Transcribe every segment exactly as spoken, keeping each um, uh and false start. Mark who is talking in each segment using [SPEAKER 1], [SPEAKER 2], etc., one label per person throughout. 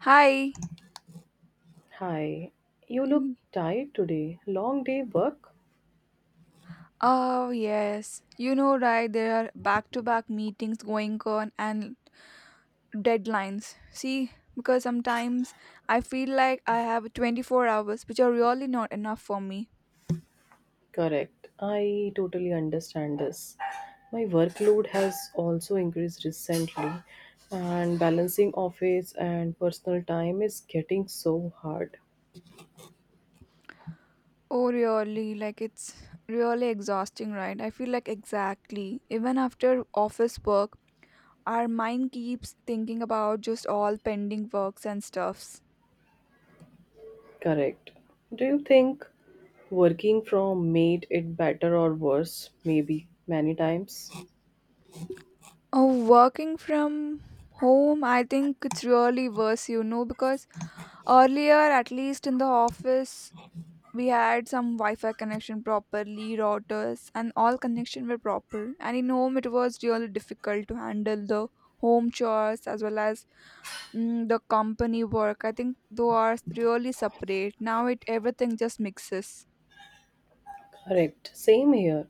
[SPEAKER 1] Hi.
[SPEAKER 2] Hi, you look
[SPEAKER 1] Mm.
[SPEAKER 2] tired today. Long day work?
[SPEAKER 1] Oh, yes. You know, right? There are back to back meetings going on and deadlines. See, because sometimes I feel like I have twenty-four hours, which are really not enough for me.
[SPEAKER 2] Correct. I totally understand this. My workload has also increased recently, and balancing office and personal time is getting so hard.
[SPEAKER 1] Oh, really? Like, it's really exhausting, right? I feel like exactly. Even after office work, our mind keeps thinking about just all pending works and stuffs.
[SPEAKER 2] Correct. Do you think working from made it better or worse? Maybe many times.
[SPEAKER 1] Oh, working from home, I think it's really worse, you know, because earlier, at least in the office, we had some Wi-Fi connection properly, routers, and all connection were proper. And in home, it was really difficult to handle the home chores as well as mm, the company work. I think those are really separate. Now it everything just mixes.
[SPEAKER 2] Correct. Same here.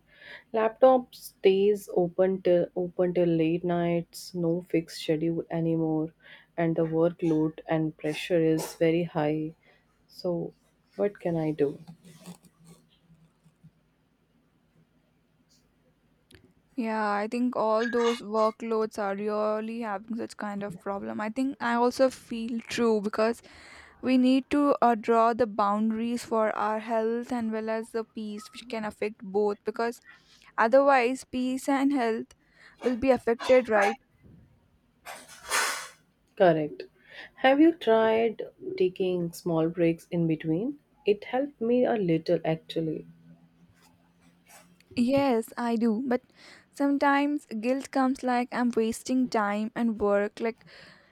[SPEAKER 2] Laptop stays open till open till late nights, no fixed schedule anymore, and the workload and pressure is very high. So what can I do?
[SPEAKER 1] Yeah, I think all those workloads are really having such kind of problem. I think I also feel true because we need to uh, draw the boundaries for our health and well as the peace, which can affect both. Because otherwise, peace and health will be affected, right?
[SPEAKER 2] Correct. Have you tried taking small breaks in between? It helped me a little actually.
[SPEAKER 1] Yes, I do. But sometimes guilt comes like I'm wasting time and work. Like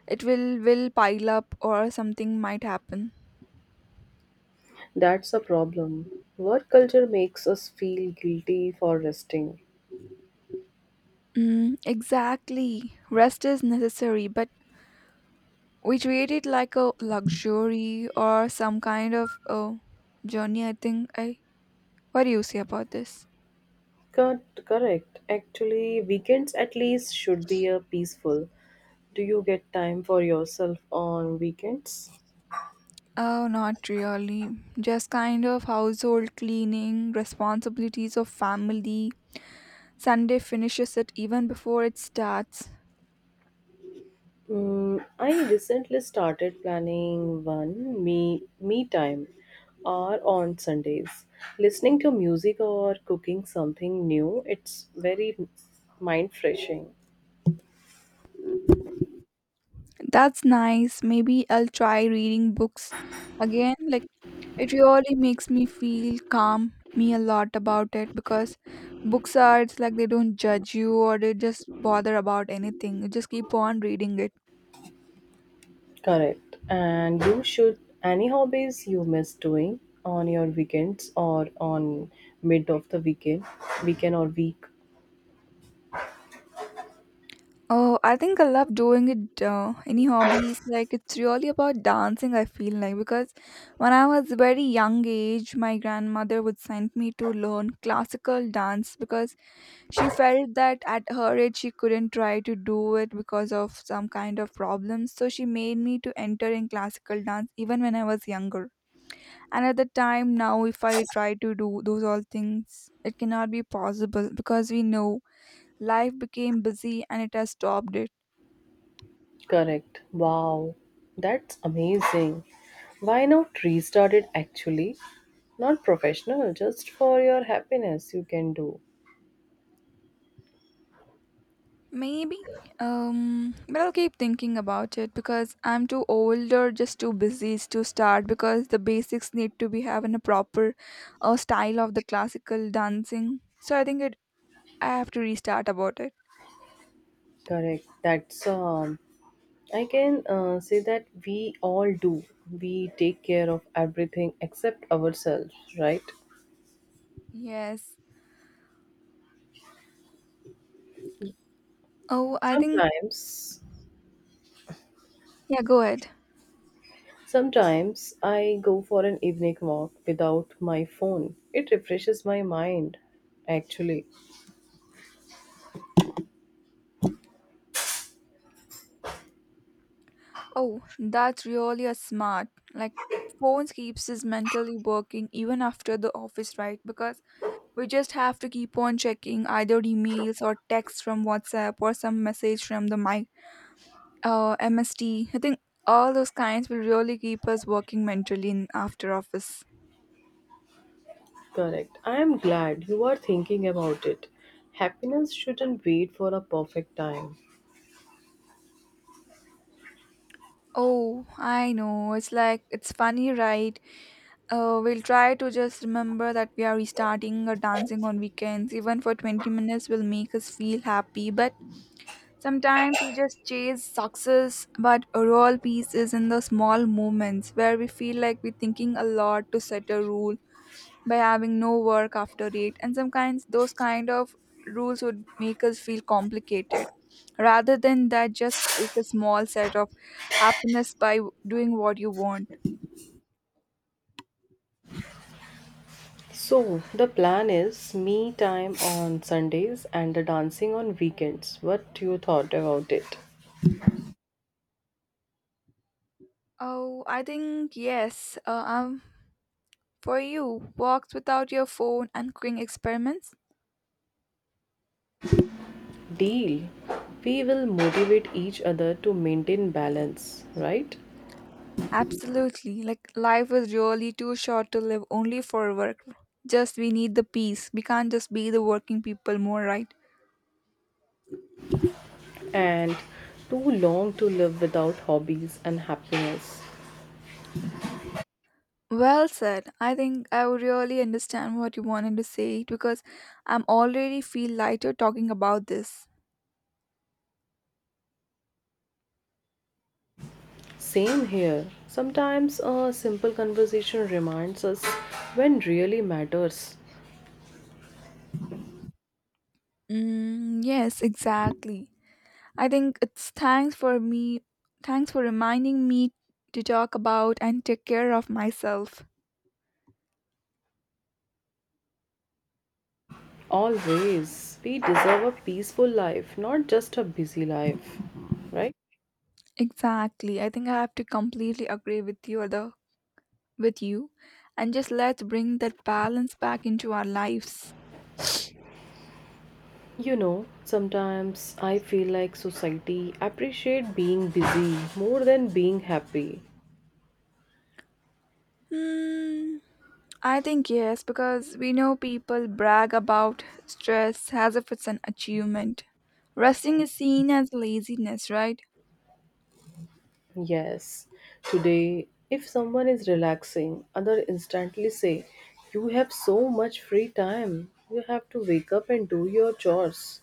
[SPEAKER 1] it will will pile up or something might happen.
[SPEAKER 2] That's a problem. Work culture makes us feel guilty for resting.
[SPEAKER 1] Mm, exactly. Rest is necessary, but we treat it like a luxury or some kind of a journey. I think i what do you say about this?
[SPEAKER 2] Cor- correct. Actually, weekends at least should be a peaceful. Do you get time for yourself on weekends?
[SPEAKER 1] Oh, not really, just kind of household cleaning responsibilities of family. Sunday finishes it even before it starts.
[SPEAKER 2] Mm, I recently started planning one me me time, or on Sundays, listening to music or cooking something new. It's very mind freshing.
[SPEAKER 1] That's nice. Maybe I'll try reading books again. Like, it really makes me feel calm me a lot about it because books are it's like they don't judge you or they just bother about anything. You just keep on reading it.
[SPEAKER 2] Correct. And you should any hobbies you miss doing on your weekends or on mid of the weekend, weekend or week.
[SPEAKER 1] Oh, I think I love doing it. Uh, any hobbies like it's really about dancing. I feel like because when I was very young age, my grandmother would send me to learn classical dance because she felt that at her age she couldn't try to do it because of some kind of problems. So she made me to enter in classical dance even when I was younger. And at the time now if I try to do those all things, it cannot be possible because we know life became busy and it has stopped it.
[SPEAKER 2] Correct. Wow, that's amazing. Why not restart it actually? Not professional, just for your happiness, you can do.
[SPEAKER 1] Maybe. Um but I'll keep thinking about it because I'm too old or just too busy to start because the basics need to be having a proper uh, style of the classical dancing. So I think it, I have to restart about it.
[SPEAKER 2] Correct. That's um, I can uh, say that we all do. We take care of everything except ourselves, right?
[SPEAKER 1] Yes. Oh, I think,
[SPEAKER 2] Sometimes,
[SPEAKER 1] yeah, go ahead.
[SPEAKER 2] sometimes I go for an evening walk without my phone. It refreshes my mind, actually.
[SPEAKER 1] Oh, that's really a smart. Like phones keeps us mentally working even after the office, right? Because we just have to keep on checking either emails or texts from WhatsApp or some message from the mic uh M S T. I think all those kinds will really keep us working mentally in after office.
[SPEAKER 2] Correct. I am glad you are thinking about it. Happiness shouldn't wait for a perfect time.
[SPEAKER 1] Oh, I know. It's like it's funny, right? Uh, we'll try to just remember that we are restarting or dancing on weekends. Even for twenty minutes will make us feel happy. But sometimes we just chase success, but a real peace is in the small moments where we feel like we're thinking a lot to set a rule by having no work after eight. And sometimes those kind of rules would make us feel complicated. Rather than that, just take a small set of happiness by doing what you want.
[SPEAKER 2] So, the plan is me time on Sundays and the dancing on weekends. What you thought about it?
[SPEAKER 1] Oh, I think yes. Uh, I'm for you, walks without your phone and cooking experiments?
[SPEAKER 2] Deal. We will motivate each other to maintain balance, right?
[SPEAKER 1] Absolutely. Like life is really too short to live only for work. Just we need the peace. We can't just be the working people more, right?
[SPEAKER 2] And too long to live without hobbies and happiness.
[SPEAKER 1] Well said. I think I would really understand what you wanted to say because I'm already feel lighter talking about this.
[SPEAKER 2] Same here. Sometimes a simple conversation reminds us when really matters.
[SPEAKER 1] Mm, yes, exactly. I think it's thanks for me. Thanks for reminding me to talk about and take care of myself.
[SPEAKER 2] Always. We deserve a peaceful life, not just a busy life, right?
[SPEAKER 1] Exactly. I think I have to completely agree with you other with you, and just let's bring that balance back into our lives.
[SPEAKER 2] You know, sometimes I feel like society appreciate being busy more than being happy.
[SPEAKER 1] Hmm, I think yes, because we know people brag about stress as if it's an achievement. Resting is seen as laziness, right?
[SPEAKER 2] Yes. Today, if someone is relaxing, other instantly say, "You have so much free time. You have to wake up and do your chores."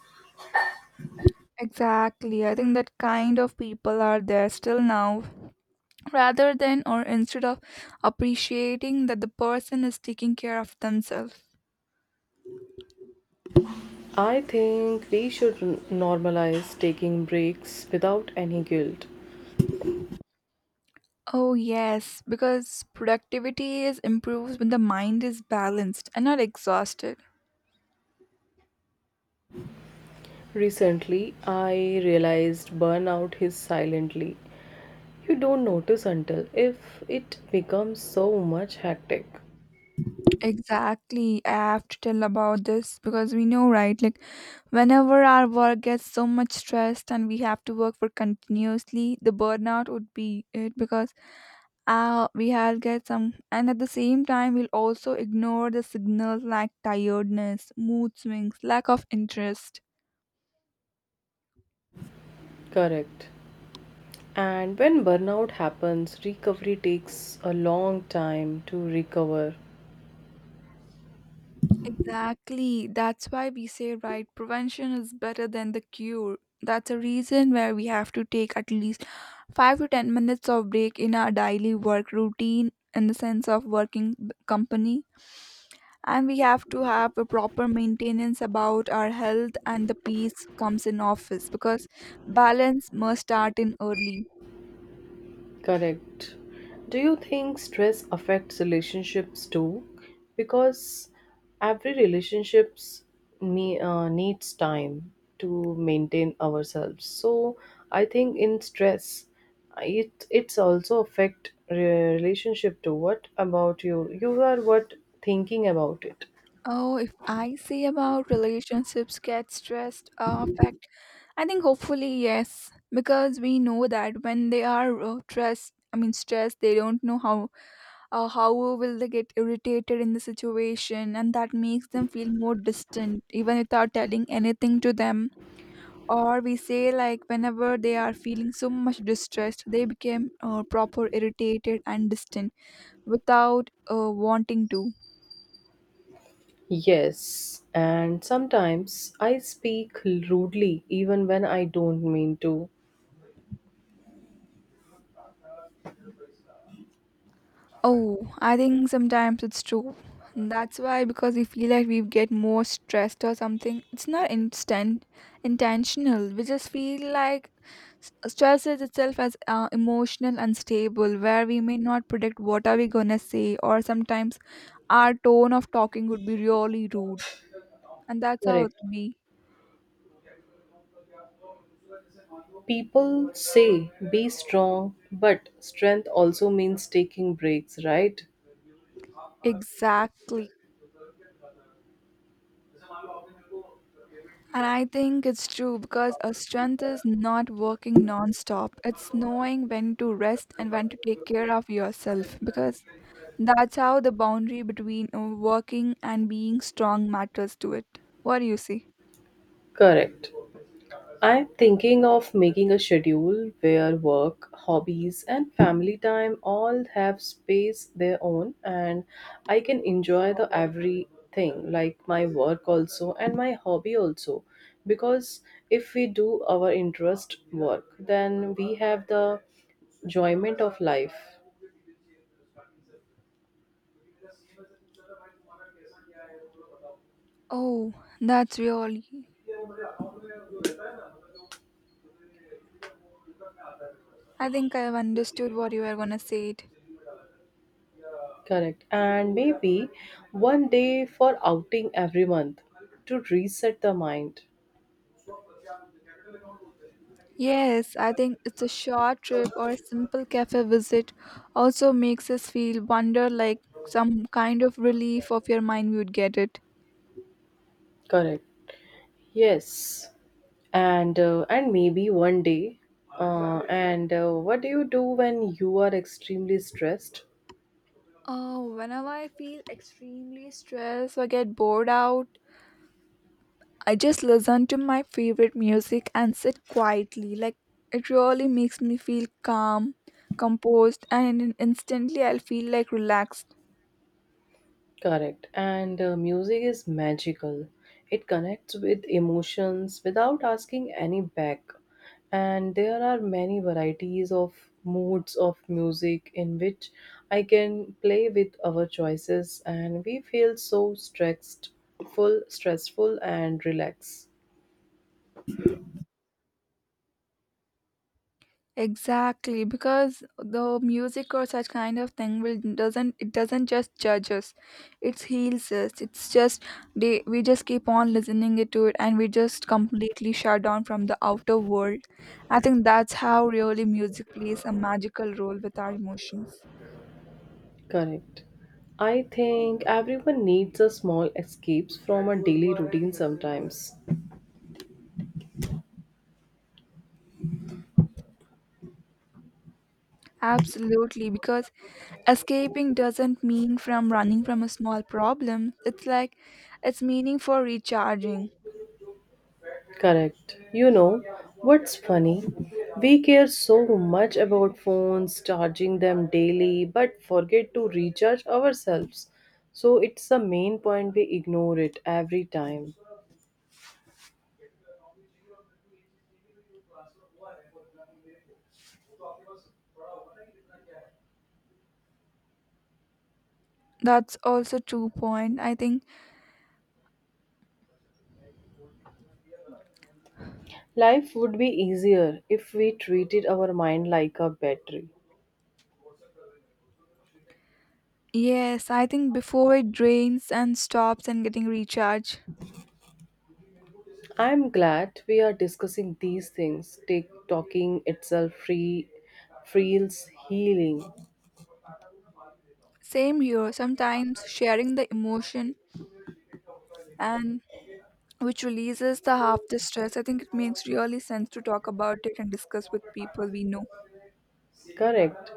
[SPEAKER 1] Exactly. I think that kind of people are there still now. Rather than or instead of appreciating that the person is taking care of themselves.
[SPEAKER 2] I think we should n- normalize taking breaks without any guilt.
[SPEAKER 1] Oh, yes, because productivity is improved when the mind is balanced and not exhausted.
[SPEAKER 2] Recently, I realized burnout hits silently. You don't notice until if it becomes so much hectic.
[SPEAKER 1] Exactly. I have to tell about this because we know, right? Like, whenever our work gets so much stressed and we have to work for continuously, the burnout would be it because uh, we have get some, and at the same time, we'll also ignore the signals like tiredness, mood swings, lack of interest.
[SPEAKER 2] Correct. And when burnout happens, recovery takes a long time to recover.
[SPEAKER 1] Exactly. That's why we say, right, prevention is better than the cure. That's a reason where we have to take at least five to ten minutes of break in our daily work routine in the sense of working b- company. And we have to have a proper maintenance about our health and the peace comes in office because balance must start in early.
[SPEAKER 2] Correct. Do you think stress affects relationships too? Because every relationships me uh, needs time to maintain ourselves. So I think in stress, it it's also affect re- relationship too. What about you? You are what thinking about it?
[SPEAKER 1] Oh, if I say about relationships get stressed uh, affect, I think hopefully yes, because we know that when they are uh, stressed, I mean stressed, they don't know how uh, how will they get irritated in the situation, and that makes them feel more distant, even without telling anything to them. Or we say like whenever they are feeling so much distressed, they became uh, proper irritated and distant without uh, wanting to.
[SPEAKER 2] Yes, and sometimes I speak rudely even when I don't mean to.
[SPEAKER 1] Oh, I think sometimes it's true. And that's why because we feel like we get more stressed or something. It's not instant intentional. We just feel like s- stress is itself as uh, emotional unstable, where we may not predict what are we gonna say, or sometimes our tone of talking would be really rude, and that's how it
[SPEAKER 2] Correct.
[SPEAKER 1] be.
[SPEAKER 2] People say be strong, but strength also means taking breaks, right?
[SPEAKER 1] Exactly. And I think it's true because a strength is not working non-stop. It's knowing when to rest and when to take care of yourself because that's how the boundary between uh, working and being strong matters to it. What do you see?
[SPEAKER 2] Correct. I'm thinking of making a schedule where work, hobbies, and family time all have space their own, and I can enjoy the everything, like my work also and my hobby also. Because if we do our interest work, then we have the enjoyment of life.
[SPEAKER 1] Oh, that's really. I think I have understood what you were gonna say. It.
[SPEAKER 2] Correct. And maybe one day for outing every month to reset the mind.
[SPEAKER 1] Yes, I think it's a short trip or a simple cafe visit also makes us feel wonder like some kind of relief of your mind we would get it.
[SPEAKER 2] Correct. Yes. And uh, and maybe one day. Uh, and uh, what do you do when you are extremely stressed?
[SPEAKER 1] Oh, whenever I feel extremely stressed or get bored out, I just listen to my favorite music and sit quietly. Like it really makes me feel calm, composed, and in- instantly I'll feel like relaxed.
[SPEAKER 2] Correct. And uh, music is magical. It connects with emotions without asking any back. And there are many varieties of moods of music in which I can play with our choices and we feel so stressed, full, stressful and relaxed.
[SPEAKER 1] Exactly, because the music or such kind of thing will doesn't it doesn't just judge us, it heals us. It's just they, we just keep on listening it to it, and we just completely shut down from the outer world. I think that's how really music plays a magical role with our emotions.
[SPEAKER 2] Correct. I think everyone needs a small escapes from a daily routine sometimes.
[SPEAKER 1] Absolutely, because escaping doesn't mean from running from a small problem. It's like it's meaning for recharging.
[SPEAKER 2] Correct. You know, what's funny? We care so much about phones, charging them daily, but forget to recharge ourselves. So it's the main point we ignore it every time.
[SPEAKER 1] That's also true point. I think
[SPEAKER 2] Life would be easier if we treated our mind like a battery.
[SPEAKER 1] yes, I think before it drains and stops and getting recharged.
[SPEAKER 2] I'm glad we are discussing these things. Take talking itself free feels healing.
[SPEAKER 1] Same here, sometimes sharing the emotion and which releases the half the stress. I think it makes really sense to talk about it and discuss with people we know.
[SPEAKER 2] Correct.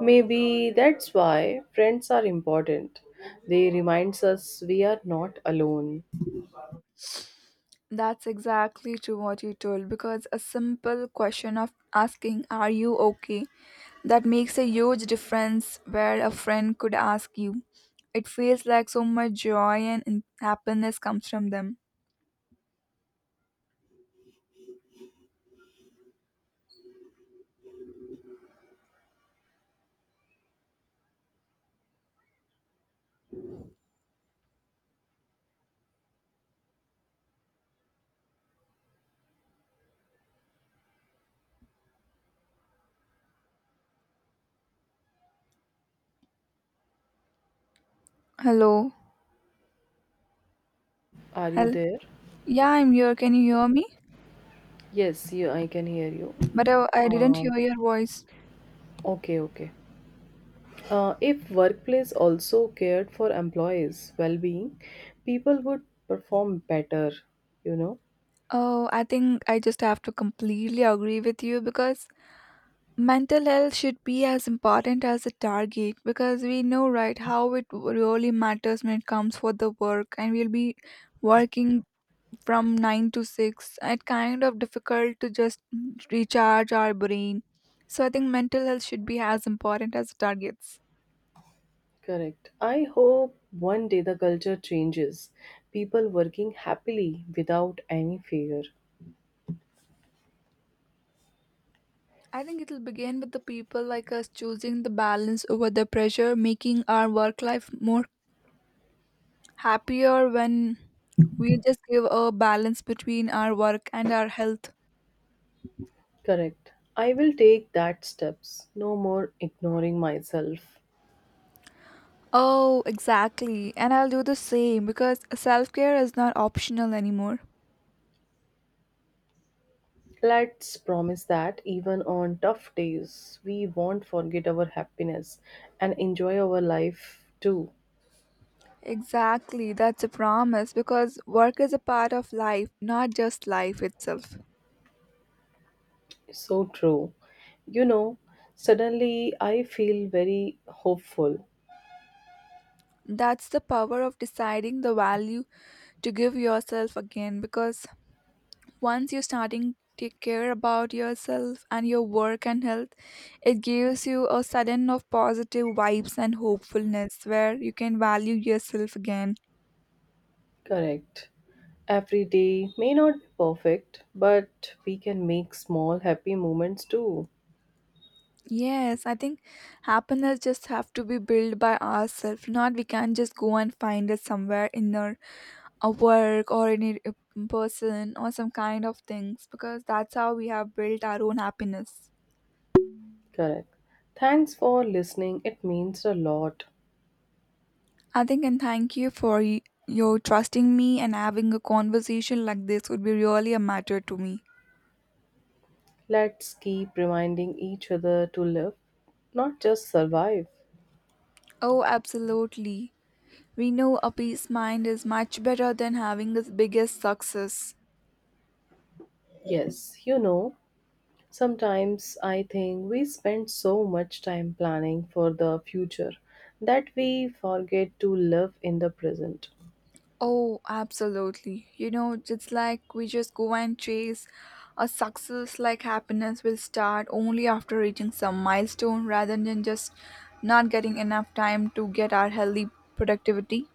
[SPEAKER 2] Maybe that's why friends are important. They reminds us we are not alone.
[SPEAKER 1] That's exactly true what you told because a simple question of asking, "Are you okay?" that makes a huge difference where a friend could ask you. It feels like so much joy and in- happiness comes from them. Hello.
[SPEAKER 2] Are you
[SPEAKER 1] Hello.
[SPEAKER 2] there?
[SPEAKER 1] Yeah, I'm here. Can you hear me?
[SPEAKER 2] Yes, you, I can hear you.
[SPEAKER 1] But I, I didn't hear
[SPEAKER 2] Um,
[SPEAKER 1] your voice.
[SPEAKER 2] okay, okay. Uh, if workplace also cared for employees' well-being, people would perform better, you know.
[SPEAKER 1] Oh, I think I just have to completely agree with you because mental health should be as important as the target because we know, right, how it really matters when it comes for the work and we'll be working from nine to six. It's kind of difficult to just recharge our brain. So I think mental health should be as important as the targets.
[SPEAKER 2] Correct. I hope one day the culture changes. People working happily without any fear.
[SPEAKER 1] I think it'll begin with the people like us choosing the balance over the pressure, making our work life more happier when we just give a balance between our work and our health.
[SPEAKER 2] Correct. I will take that steps. No more ignoring myself.
[SPEAKER 1] Oh, exactly. And I'll do the same because self care is not optional anymore.
[SPEAKER 2] Let's promise that even on tough days, we won't forget our happiness and enjoy our life too.
[SPEAKER 1] Exactly. That's a promise because work is a part of life, not just life itself.
[SPEAKER 2] So true. You know, suddenly I feel very hopeful.
[SPEAKER 1] That's the power of deciding the value to give yourself again because once you are starting to care about yourself and your work and health, it gives you a sudden of positive vibes and hopefulness where you can value yourself again.
[SPEAKER 2] Correct. Every day may not be perfect, but we can make small happy moments too.
[SPEAKER 1] Yes, I think happiness just have to be built by ourselves. Not we can not just go and find it somewhere in our, a work or in a a person or some kind of things because that's how we have built our own happiness.
[SPEAKER 2] Correct. Thanks for listening. It means a lot.
[SPEAKER 1] I think and thank you for y- your trusting me, and having a conversation like this would be really a matter to me.
[SPEAKER 2] Let's keep reminding each other to live, not just survive.
[SPEAKER 1] Oh, absolutely. We know a peace mind is much better than having its biggest success.
[SPEAKER 2] Yes, you know, sometimes I think we spend so much time planning for the future that we forget to live in the present.
[SPEAKER 1] Oh, absolutely. You know, it's like we just go and chase a success like happiness will start only after reaching some milestone rather than just not getting enough time to get our healthy productivity.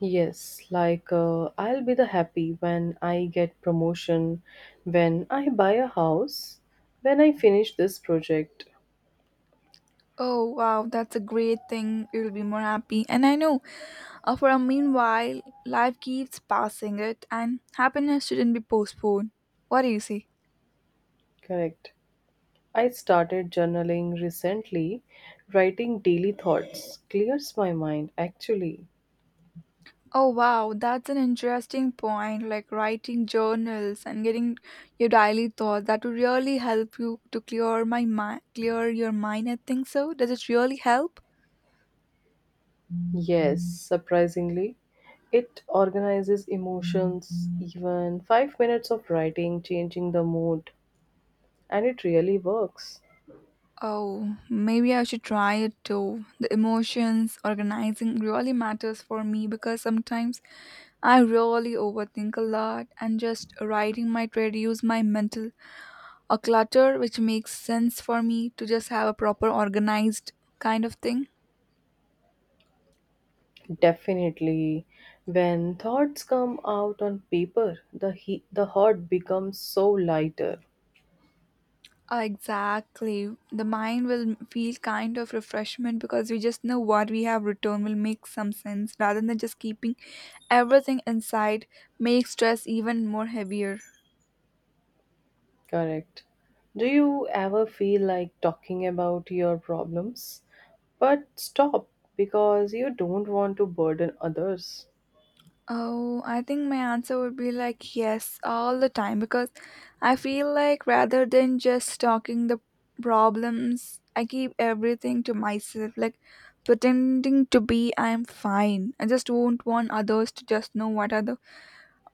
[SPEAKER 2] Yes, like uh, I'll be the happy when I get promotion, when I buy a house, when I finish this project.
[SPEAKER 1] Oh wow, that's a great thing. You'll be more happy. And I know Uh, for a meanwhile, life keeps passing it, and happiness shouldn't be postponed. What do you say?
[SPEAKER 2] Correct. I started journaling recently. Writing daily thoughts clears my mind, actually.
[SPEAKER 1] Oh wow, that's an interesting point. Like writing journals and getting your daily thoughts that would really help you to clear my mind, clear your mind. I think so. Does it really help?
[SPEAKER 2] Yes, surprisingly, it organizes emotions. Even five minutes of writing, changing the mood, and it really works.
[SPEAKER 1] Oh, maybe I should try it too. The emotions organizing really matters for me because sometimes I really overthink a lot, and just writing might reduce my mental a clutter, which makes sense for me to just have a proper organized kind of thing.
[SPEAKER 2] Definitely. When thoughts come out on paper, the, he- the heart becomes so lighter.
[SPEAKER 1] Uh, exactly, the mind will feel kind of refreshment because we just know what we have returned will make some sense rather than just keeping everything inside, make stress even more heavier.
[SPEAKER 2] Correct. Do you ever feel like talking about your problems, but stop because you don't want to burden others?
[SPEAKER 1] Oh, I think my answer would be like yes, all the time because I feel like rather than just talking the problems, I keep everything to myself, like pretending to be I'm fine. I just don't want others to just know what are the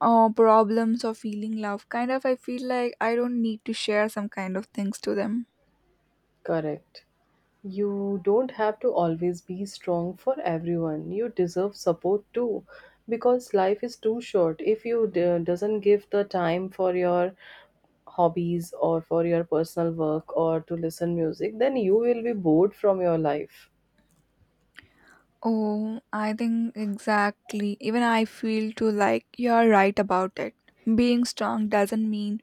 [SPEAKER 1] uh, problems or feeling love. Kind of, I feel like I don't need to share some kind of things to them.
[SPEAKER 2] Correct. You don't have to always be strong for everyone. You deserve support too because life is too short. If you d- doesn't give the time for your hobbies or for your personal work or to listen music, then you will be bored from your life.
[SPEAKER 1] Oh, I think exactly. Even I feel too like you're right about it. Being strong doesn't mean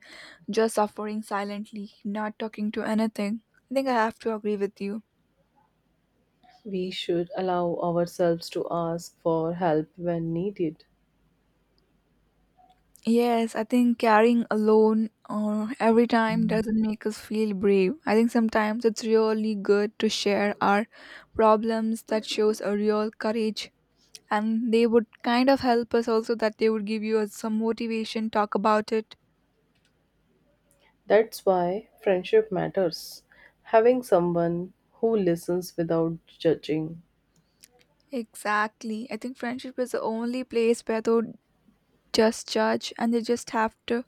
[SPEAKER 1] just suffering silently, not talking to anything. I think I have to agree with you.
[SPEAKER 2] We should allow ourselves to ask for help when needed.
[SPEAKER 1] Yes, I think carrying alone or every time doesn't make us feel brave. I think sometimes it's really good to share our problems, that shows a real courage, and they would kind of help us also, that they would give you some motivation talk about it.
[SPEAKER 2] That's why friendship matters. Having someone who listens without judging.
[SPEAKER 1] Exactly. I think friendship is the only place where though just judge and they just have to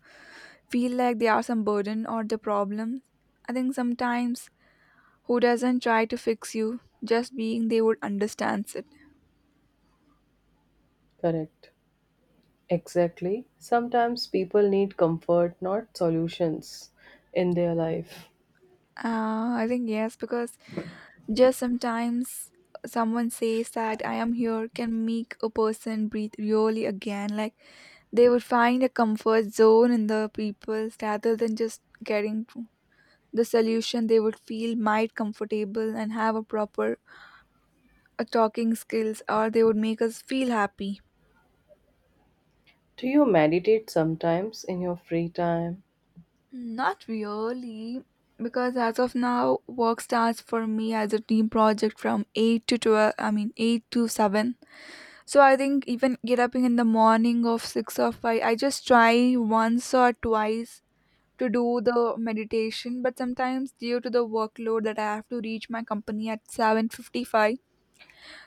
[SPEAKER 1] feel like they are some burden or the problem. I think sometimes who doesn't try to fix you, just being, they would understands it.
[SPEAKER 2] Correct. Exactly. Sometimes people need comfort, not solutions, in their life.
[SPEAKER 1] Uh, I think yes, because just sometimes someone says that I am here can make a person breathe really again. Like, they would find a comfort zone in the people rather than just getting to the solution, they would feel might comfortable and have a proper uh, talking skills, or they would make us feel happy.
[SPEAKER 2] Do you meditate sometimes in your free time?
[SPEAKER 1] Not really. Because as of now, work starts for me as a team project from eight to twelve, I mean eight to seven. So I think even get up in the morning of six or five, I just try once or twice to do the meditation, but sometimes due to the workload that I have to reach my company at seven fifty-five,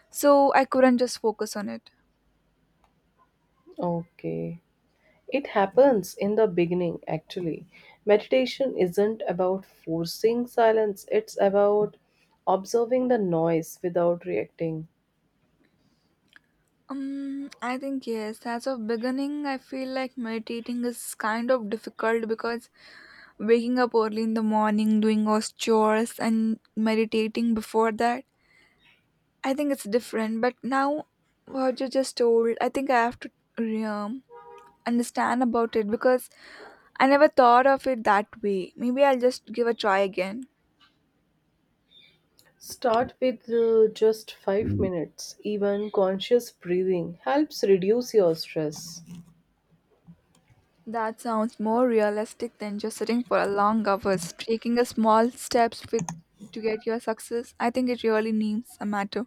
[SPEAKER 1] so I couldn't just focus on it.
[SPEAKER 2] Okay. It happens in the beginning, actually. Meditation isn't about forcing silence, it's about observing the noise without reacting.
[SPEAKER 1] Um, I think yes. As of beginning, I feel like meditating is kind of difficult because waking up early in the morning, doing those chores, and meditating before that, I think it's different. But now, what you just told, I think I have to um, understand about it because I never thought of it that way. Maybe I'll just give a try again.
[SPEAKER 2] Start with uh, just five minutes. Even conscious breathing helps reduce your stress.
[SPEAKER 1] That sounds more realistic than just sitting for a long hours. Taking a small steps with to get your success, I think it really needs a matter.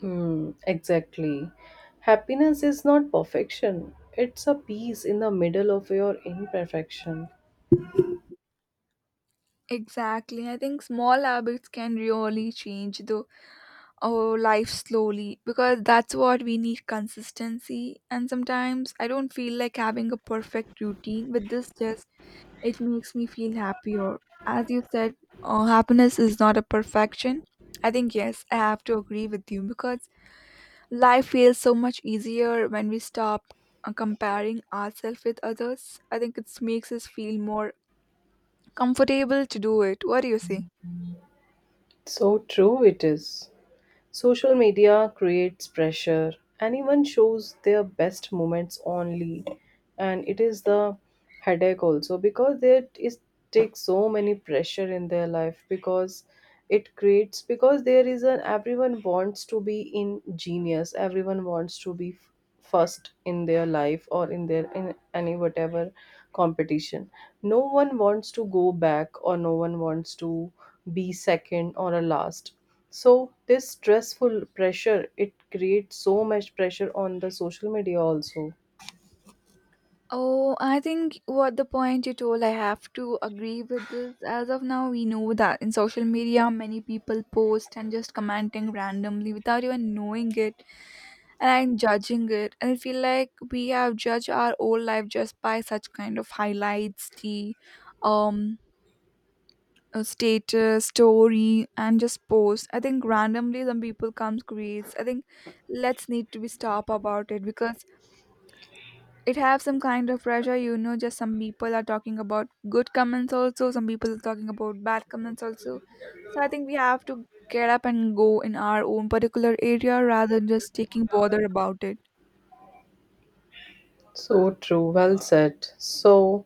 [SPEAKER 2] Hmm, exactly. Happiness is not perfection, it's a peace in the middle of your imperfection.
[SPEAKER 1] Exactly. I think small habits can really change the our life slowly because that's what we need consistency. And sometimes I don't feel like having a perfect routine with this just, it makes me feel happier. As you said, uh, happiness is not a perfection. I think yes, I have to agree with you because life feels so much easier when we stop uh, comparing ourselves with others. I think it makes us feel more comfortable to do it. What do you say?
[SPEAKER 2] So true it is. Social media creates pressure. Anyone shows their best moments only, and it is the headache also because there is takes so many pressure in their life because it creates because there is an everyone wants to be in genius, everyone wants to be f- first in their life or in their in any whatever competition. No one wants to go back or no one wants to be second or a last. So this stressful pressure, it creates so much pressure on the social media also.
[SPEAKER 1] Oh, I think what the point you told, I have to agree with this. As of now, we know that in social media, many people post and just commenting randomly without even knowing it and judging it. And I feel like we have judged our whole life just by such kind of highlights, the um a status story and just post, I think randomly some people comes creates, I think let's need to be stop about it because it have some kind of pressure, you know, just some people are talking about good comments also, some people are talking about bad comments also. So I think we have to get up and go in our own particular area rather than just taking bother about it.
[SPEAKER 2] So true, well said. So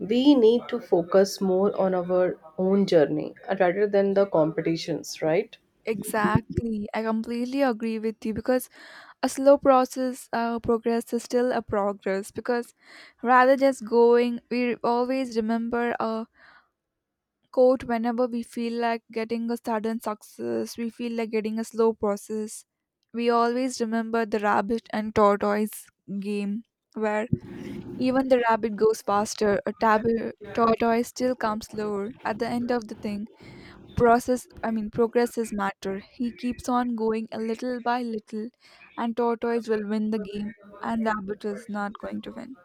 [SPEAKER 2] we need to focus more on our own journey, uh, rather than the competitions, right?
[SPEAKER 1] Exactly, I completely agree with you because a slow process, uh, progress is still a progress because rather just going, we always remember a quote. Whenever we feel like getting a sudden success, we feel like getting a slow process, we always remember the rabbit and tortoise game, where even the rabbit goes faster a tab- tortoise still comes slower at the end of the thing process, I mean progress is matter. He keeps on going a little by little, and tortoise will win the game, and rabbit is not going to win.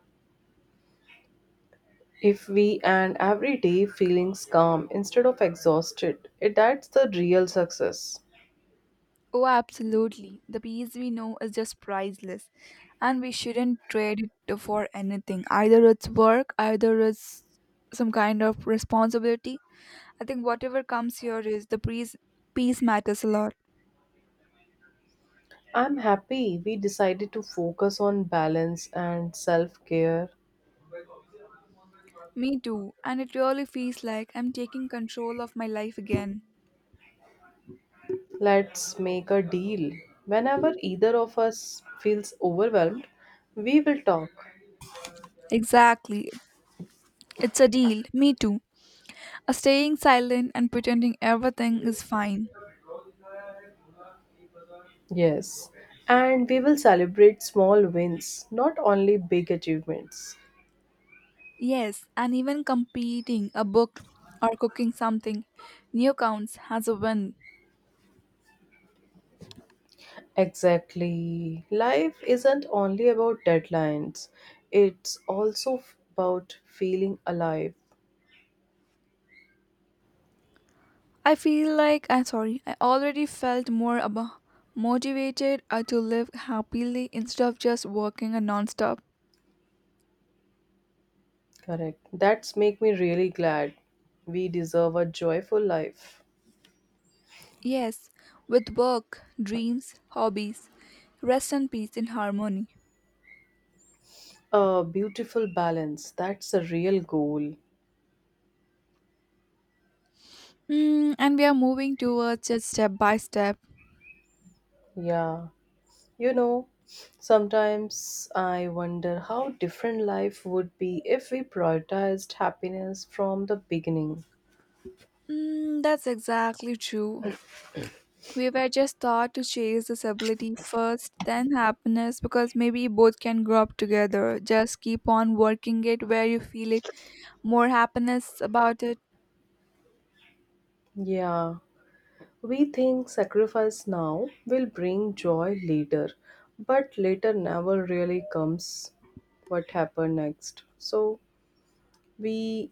[SPEAKER 2] If we and every day feelings calm instead of exhausted, it that's the real success.
[SPEAKER 1] Oh, absolutely, the peace we know is just priceless, and we shouldn't trade it for anything, either it's work, either it's some kind of responsibility. I think whatever comes here is the peace, peace matters a lot.
[SPEAKER 2] I'm happy we decided to focus on balance and self care.
[SPEAKER 1] Me too, and it really feels like I'm taking control of my life again.
[SPEAKER 2] Let's make a deal. Whenever either of us feels overwhelmed, we will talk.
[SPEAKER 1] Exactly, it's a deal, me too. Staying silent and pretending everything is fine.
[SPEAKER 2] Yes, and we will celebrate small wins, not only big achievements.
[SPEAKER 1] Yes, and even completing a book or cooking something new counts as a win.
[SPEAKER 2] Exactly. Life isn't only about deadlines. It's also f- about feeling alive.
[SPEAKER 1] I feel like I'm sorry, I already felt more abo- motivated uh, to live happily instead of just working a non-stop.
[SPEAKER 2] Correct. That's make me really glad. We deserve a joyful life.
[SPEAKER 1] Yes, with work, dreams, hobbies, rest and peace in harmony.
[SPEAKER 2] A beautiful balance. That's a real goal.
[SPEAKER 1] Mm, and we are moving towards it step by step.
[SPEAKER 2] Yeah. You know, sometimes I wonder how different life would be if we prioritized happiness from the beginning.
[SPEAKER 1] Mm, that's exactly true. We were just taught to chase disability first, then happiness, because maybe both can grow up together. Just keep on working it where you feel it, more happiness about it.
[SPEAKER 2] Yeah, we think sacrifice now will bring joy later, but later never really comes what happened next. So we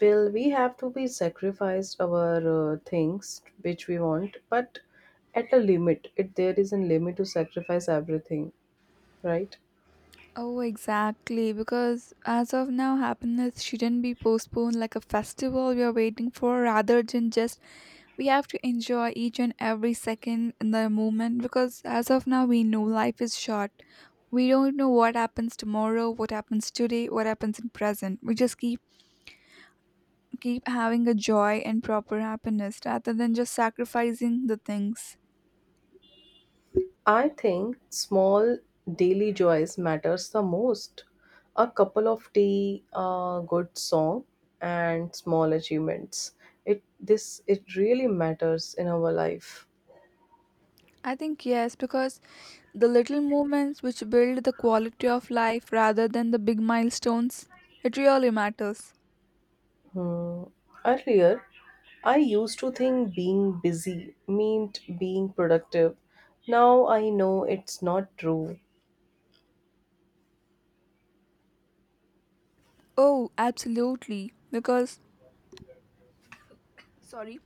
[SPEAKER 2] will we have to be sacrificed our uh, things which we want, but at a limit. It there is a limit to sacrifice everything, right?
[SPEAKER 1] Oh, exactly. Because as of now, happiness shouldn't be postponed like a festival we are waiting for, rather than just we have to enjoy each and every second in the moment. Because as of now, we know life is short. We don't know what happens tomorrow, what happens today, what happens in present. We just keep keep having a joy and proper happiness rather than just sacrificing the things.
[SPEAKER 2] I think small daily joys matters the most. A couple of tea, a good song, and small achievements. It this it really matters in our life.
[SPEAKER 1] I think yes, because the little moments which build the quality of life rather than the big milestones, it really matters.
[SPEAKER 2] Hmm. Earlier, I used to think being busy meant being productive. Now I know it's not true.
[SPEAKER 1] Oh, absolutely. Because, sorry,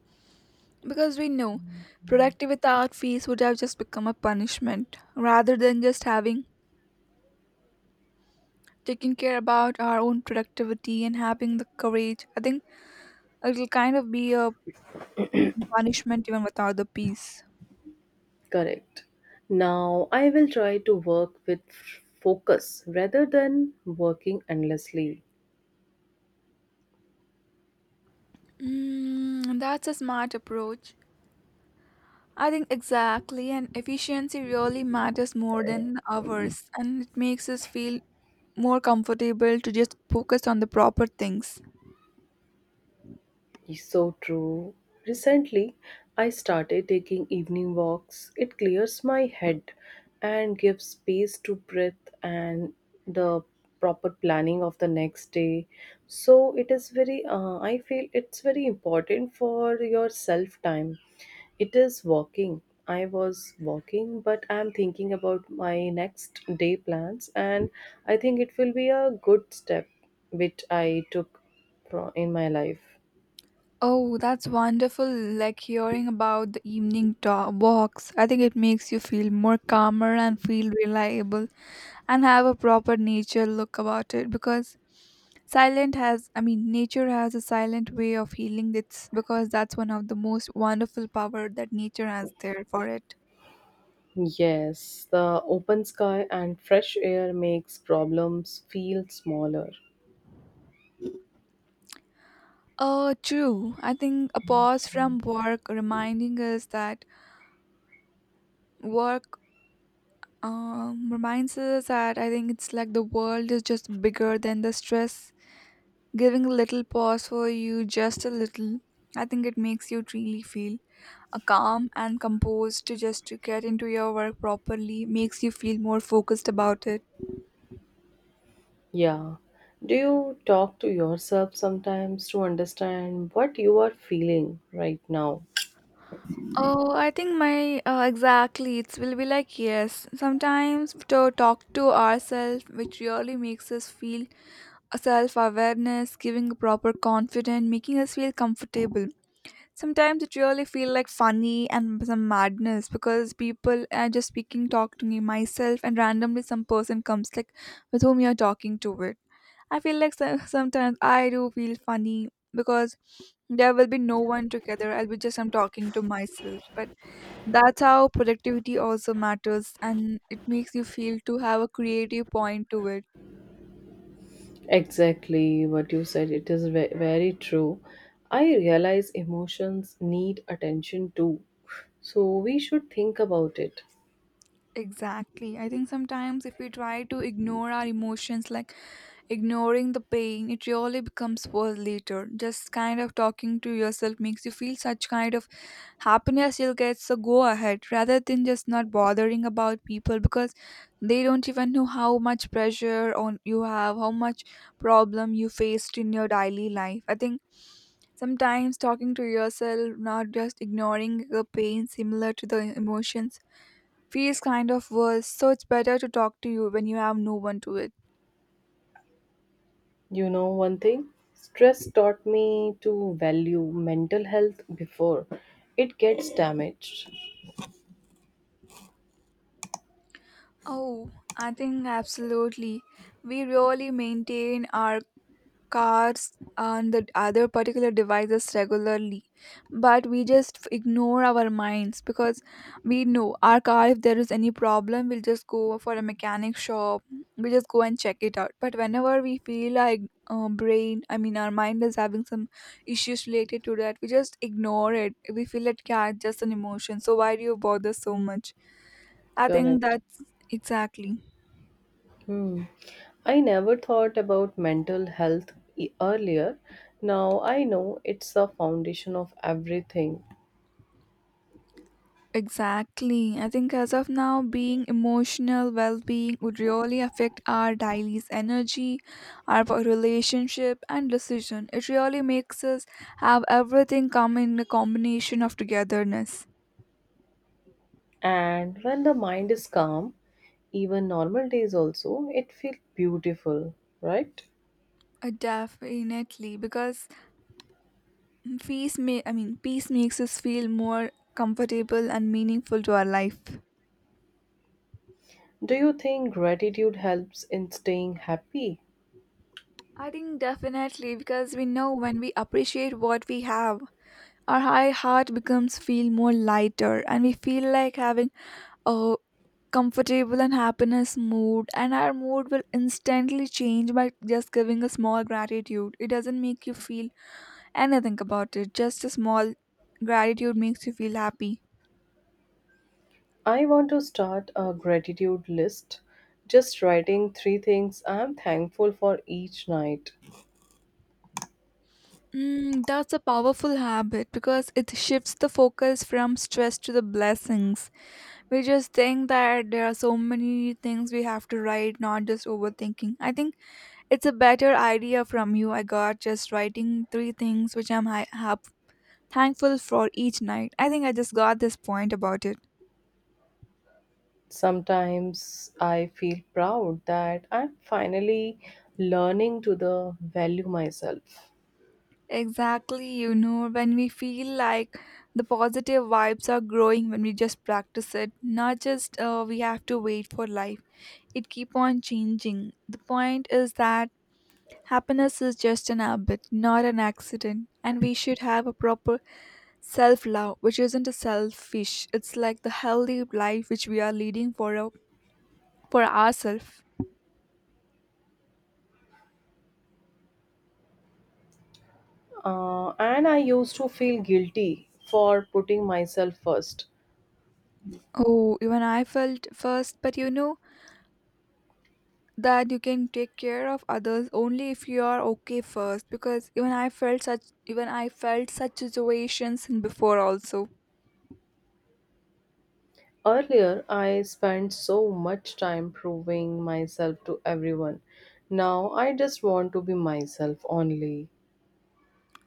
[SPEAKER 1] because we know productive without fees would have just become a punishment rather than just having taking care about our own productivity and having the courage. I think it'll kind of be a punishment even without the peace.
[SPEAKER 2] Correct. Now I will try to work with focus rather than working endlessly.
[SPEAKER 1] Mm, that's a smart approach. I think exactly, and efficiency really matters more than hours, and it makes us feel more comfortable to just focus on the proper things.
[SPEAKER 2] Is so true. Recently, I started taking evening walks. It clears my head and gives space to breath and the proper planning of the next day. So it is very. Uh, I feel it's very important for your self time. It is walking. I was walking, but I'm thinking about my next day plans, and I think it will be a good step which I took from in my life.
[SPEAKER 1] Oh, that's wonderful. Like hearing about the evening talk walks. I think it makes you feel more calmer and feel reliable and have a proper nature look about it because silent has, I mean nature has a silent way of healing it's, because that's one of the most wonderful power that nature has there for it.
[SPEAKER 2] Yes, the open sky and fresh air makes problems feel smaller.
[SPEAKER 1] Uh true, I think a pause from work reminding us that work um reminds us that, I think it's like the world is just bigger than the stress. Giving a little pause for you, just a little, I think it makes you really feel a calm and composed to just to get into your work properly, makes you feel more focused about it.
[SPEAKER 2] Yeah. Do you talk to yourself sometimes to understand what you are feeling right now?
[SPEAKER 1] Oh, I think my uh, exactly. It will be like yes. Sometimes to talk to ourselves, which really makes us feel self awareness, giving a proper confidence, making us feel comfortable. Sometimes it really feel like funny and some madness because people are just speaking, talk to me myself, and randomly some person comes like, with whom you're talking to it. I feel like so- sometimes I do feel funny because there will be no one together. I'll be just I'm talking to myself. But that's how productivity also matters, and it makes you feel to have a creative point to it.
[SPEAKER 2] Exactly what you said. It is ve- very true. I realize emotions need attention too. So we should think about it.
[SPEAKER 1] Exactly. I think sometimes if we try to ignore our emotions, like ignoring the pain, it really becomes worse later. Just kind of talking to yourself makes you feel such kind of happiness you'll get. So go ahead rather than just not bothering about people because they don't even know how much pressure on you have, how much problem you faced in your daily life. I think sometimes talking to yourself, not just ignoring the pain similar to the emotions, feels kind of worse. So it's better to talk to you when you have no one to it.
[SPEAKER 2] You know, one thing stress taught me to value mental health before it gets damaged.
[SPEAKER 1] Oh, I think absolutely. We really maintain our cars and the other particular devices regularly, but we just f- ignore our minds because we know our car, if there is any problem, we'll just go for a mechanic shop, we just go and check it out. But whenever we feel like uh, brain, I mean our mind is having some issues related to that, we just ignore it, we feel that yeah, it's just an emotion, so why do you bother so much. I think
[SPEAKER 2] Correct.
[SPEAKER 1] that's exactly.
[SPEAKER 2] Hmm. I never thought about mental health e- earlier. Now I know it's the foundation of everything.
[SPEAKER 1] Exactly. I think as of now, being emotional well being would really affect our daily's energy, our po- relationship, and decision. It really makes us have everything come in a combination of togetherness.
[SPEAKER 2] And when the mind is calm, even normal days also, it feels beautiful, right?
[SPEAKER 1] Uh, Definitely, because peace may I mean peace makes us feel more comfortable and meaningful to our life.
[SPEAKER 2] Do you think gratitude helps in staying happy?
[SPEAKER 1] I think definitely, because we know when we appreciate what we have, our high heart becomes feel more lighter, and we feel like having a comfortable and happiness mood, and our mood will instantly change by just giving a small gratitude, it doesn't make you feel anything about it, just a small gratitude makes you feel happy.
[SPEAKER 2] I want to start a gratitude list, just writing three things I am thankful for each night.
[SPEAKER 1] Mm, that's a powerful habit because it shifts the focus from stress to the blessings. We just think that there are so many things we have to write, not just overthinking. I think it's a better idea from you I got, just writing three things which I'm hi- happy thankful for each night. I think I just got this point about it.
[SPEAKER 2] Sometimes I feel proud that I'm finally learning to the value myself.
[SPEAKER 1] Exactly, you know, when we feel like the positive vibes are growing when we just practice it, not just uh, we have to wait for life. It keep on changing. The point is that happiness is just an habit, not an accident, and we should have a proper self-love, which isn't a selfish. It's like the healthy life which we are leading for our, for ourselves.
[SPEAKER 2] Uh, and I used to feel guilty for putting myself first.
[SPEAKER 1] Oh, even I felt first, but you know, that you can take care of others only if you are okay first, because even i felt such even i felt such situations before also.
[SPEAKER 2] Earlier, I spent so much time proving myself to everyone. Now, I just want to be myself only.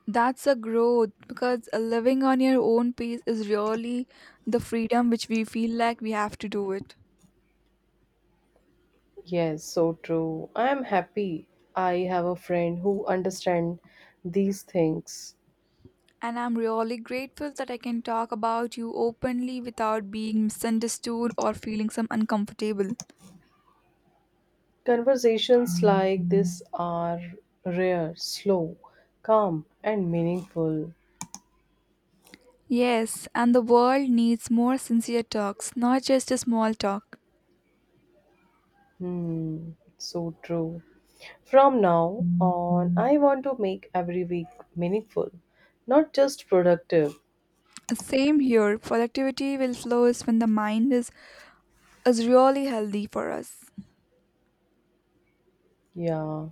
[SPEAKER 1] That's a growth because uh, living on your own pace is really the freedom which we feel like we have to do it.
[SPEAKER 2] Yes, so true. I am happy. I have a friend who understands these things.
[SPEAKER 1] And I'm really grateful that I can talk about you openly without being misunderstood or feeling some uncomfortable.
[SPEAKER 2] Conversations like this are rare, slow, calm, and meaningful.
[SPEAKER 1] Yes, and the world needs more sincere talks, not just a small talk.
[SPEAKER 2] Hmm, so true. From now on, I want to make every week meaningful, not just productive.
[SPEAKER 1] Same here. Productivity will flourish when the mind is, is really healthy for us.
[SPEAKER 2] Yeah,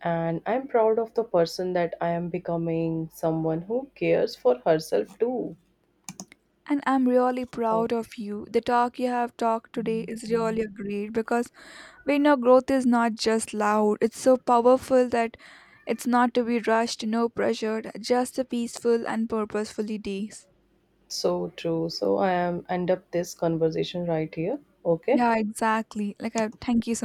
[SPEAKER 2] and I'm proud of the person that I am becoming, someone who cares for herself too.
[SPEAKER 1] And I'm really proud
[SPEAKER 2] Okay.
[SPEAKER 1] of you. The talk you have talked today is really great because we know growth is not just loud, it's so powerful that it's not to be rushed, no pressured, just a peaceful and purposefully days.
[SPEAKER 2] So true. So I am end up this conversation right here. Okay.
[SPEAKER 1] Yeah, exactly. Like, I, thank you so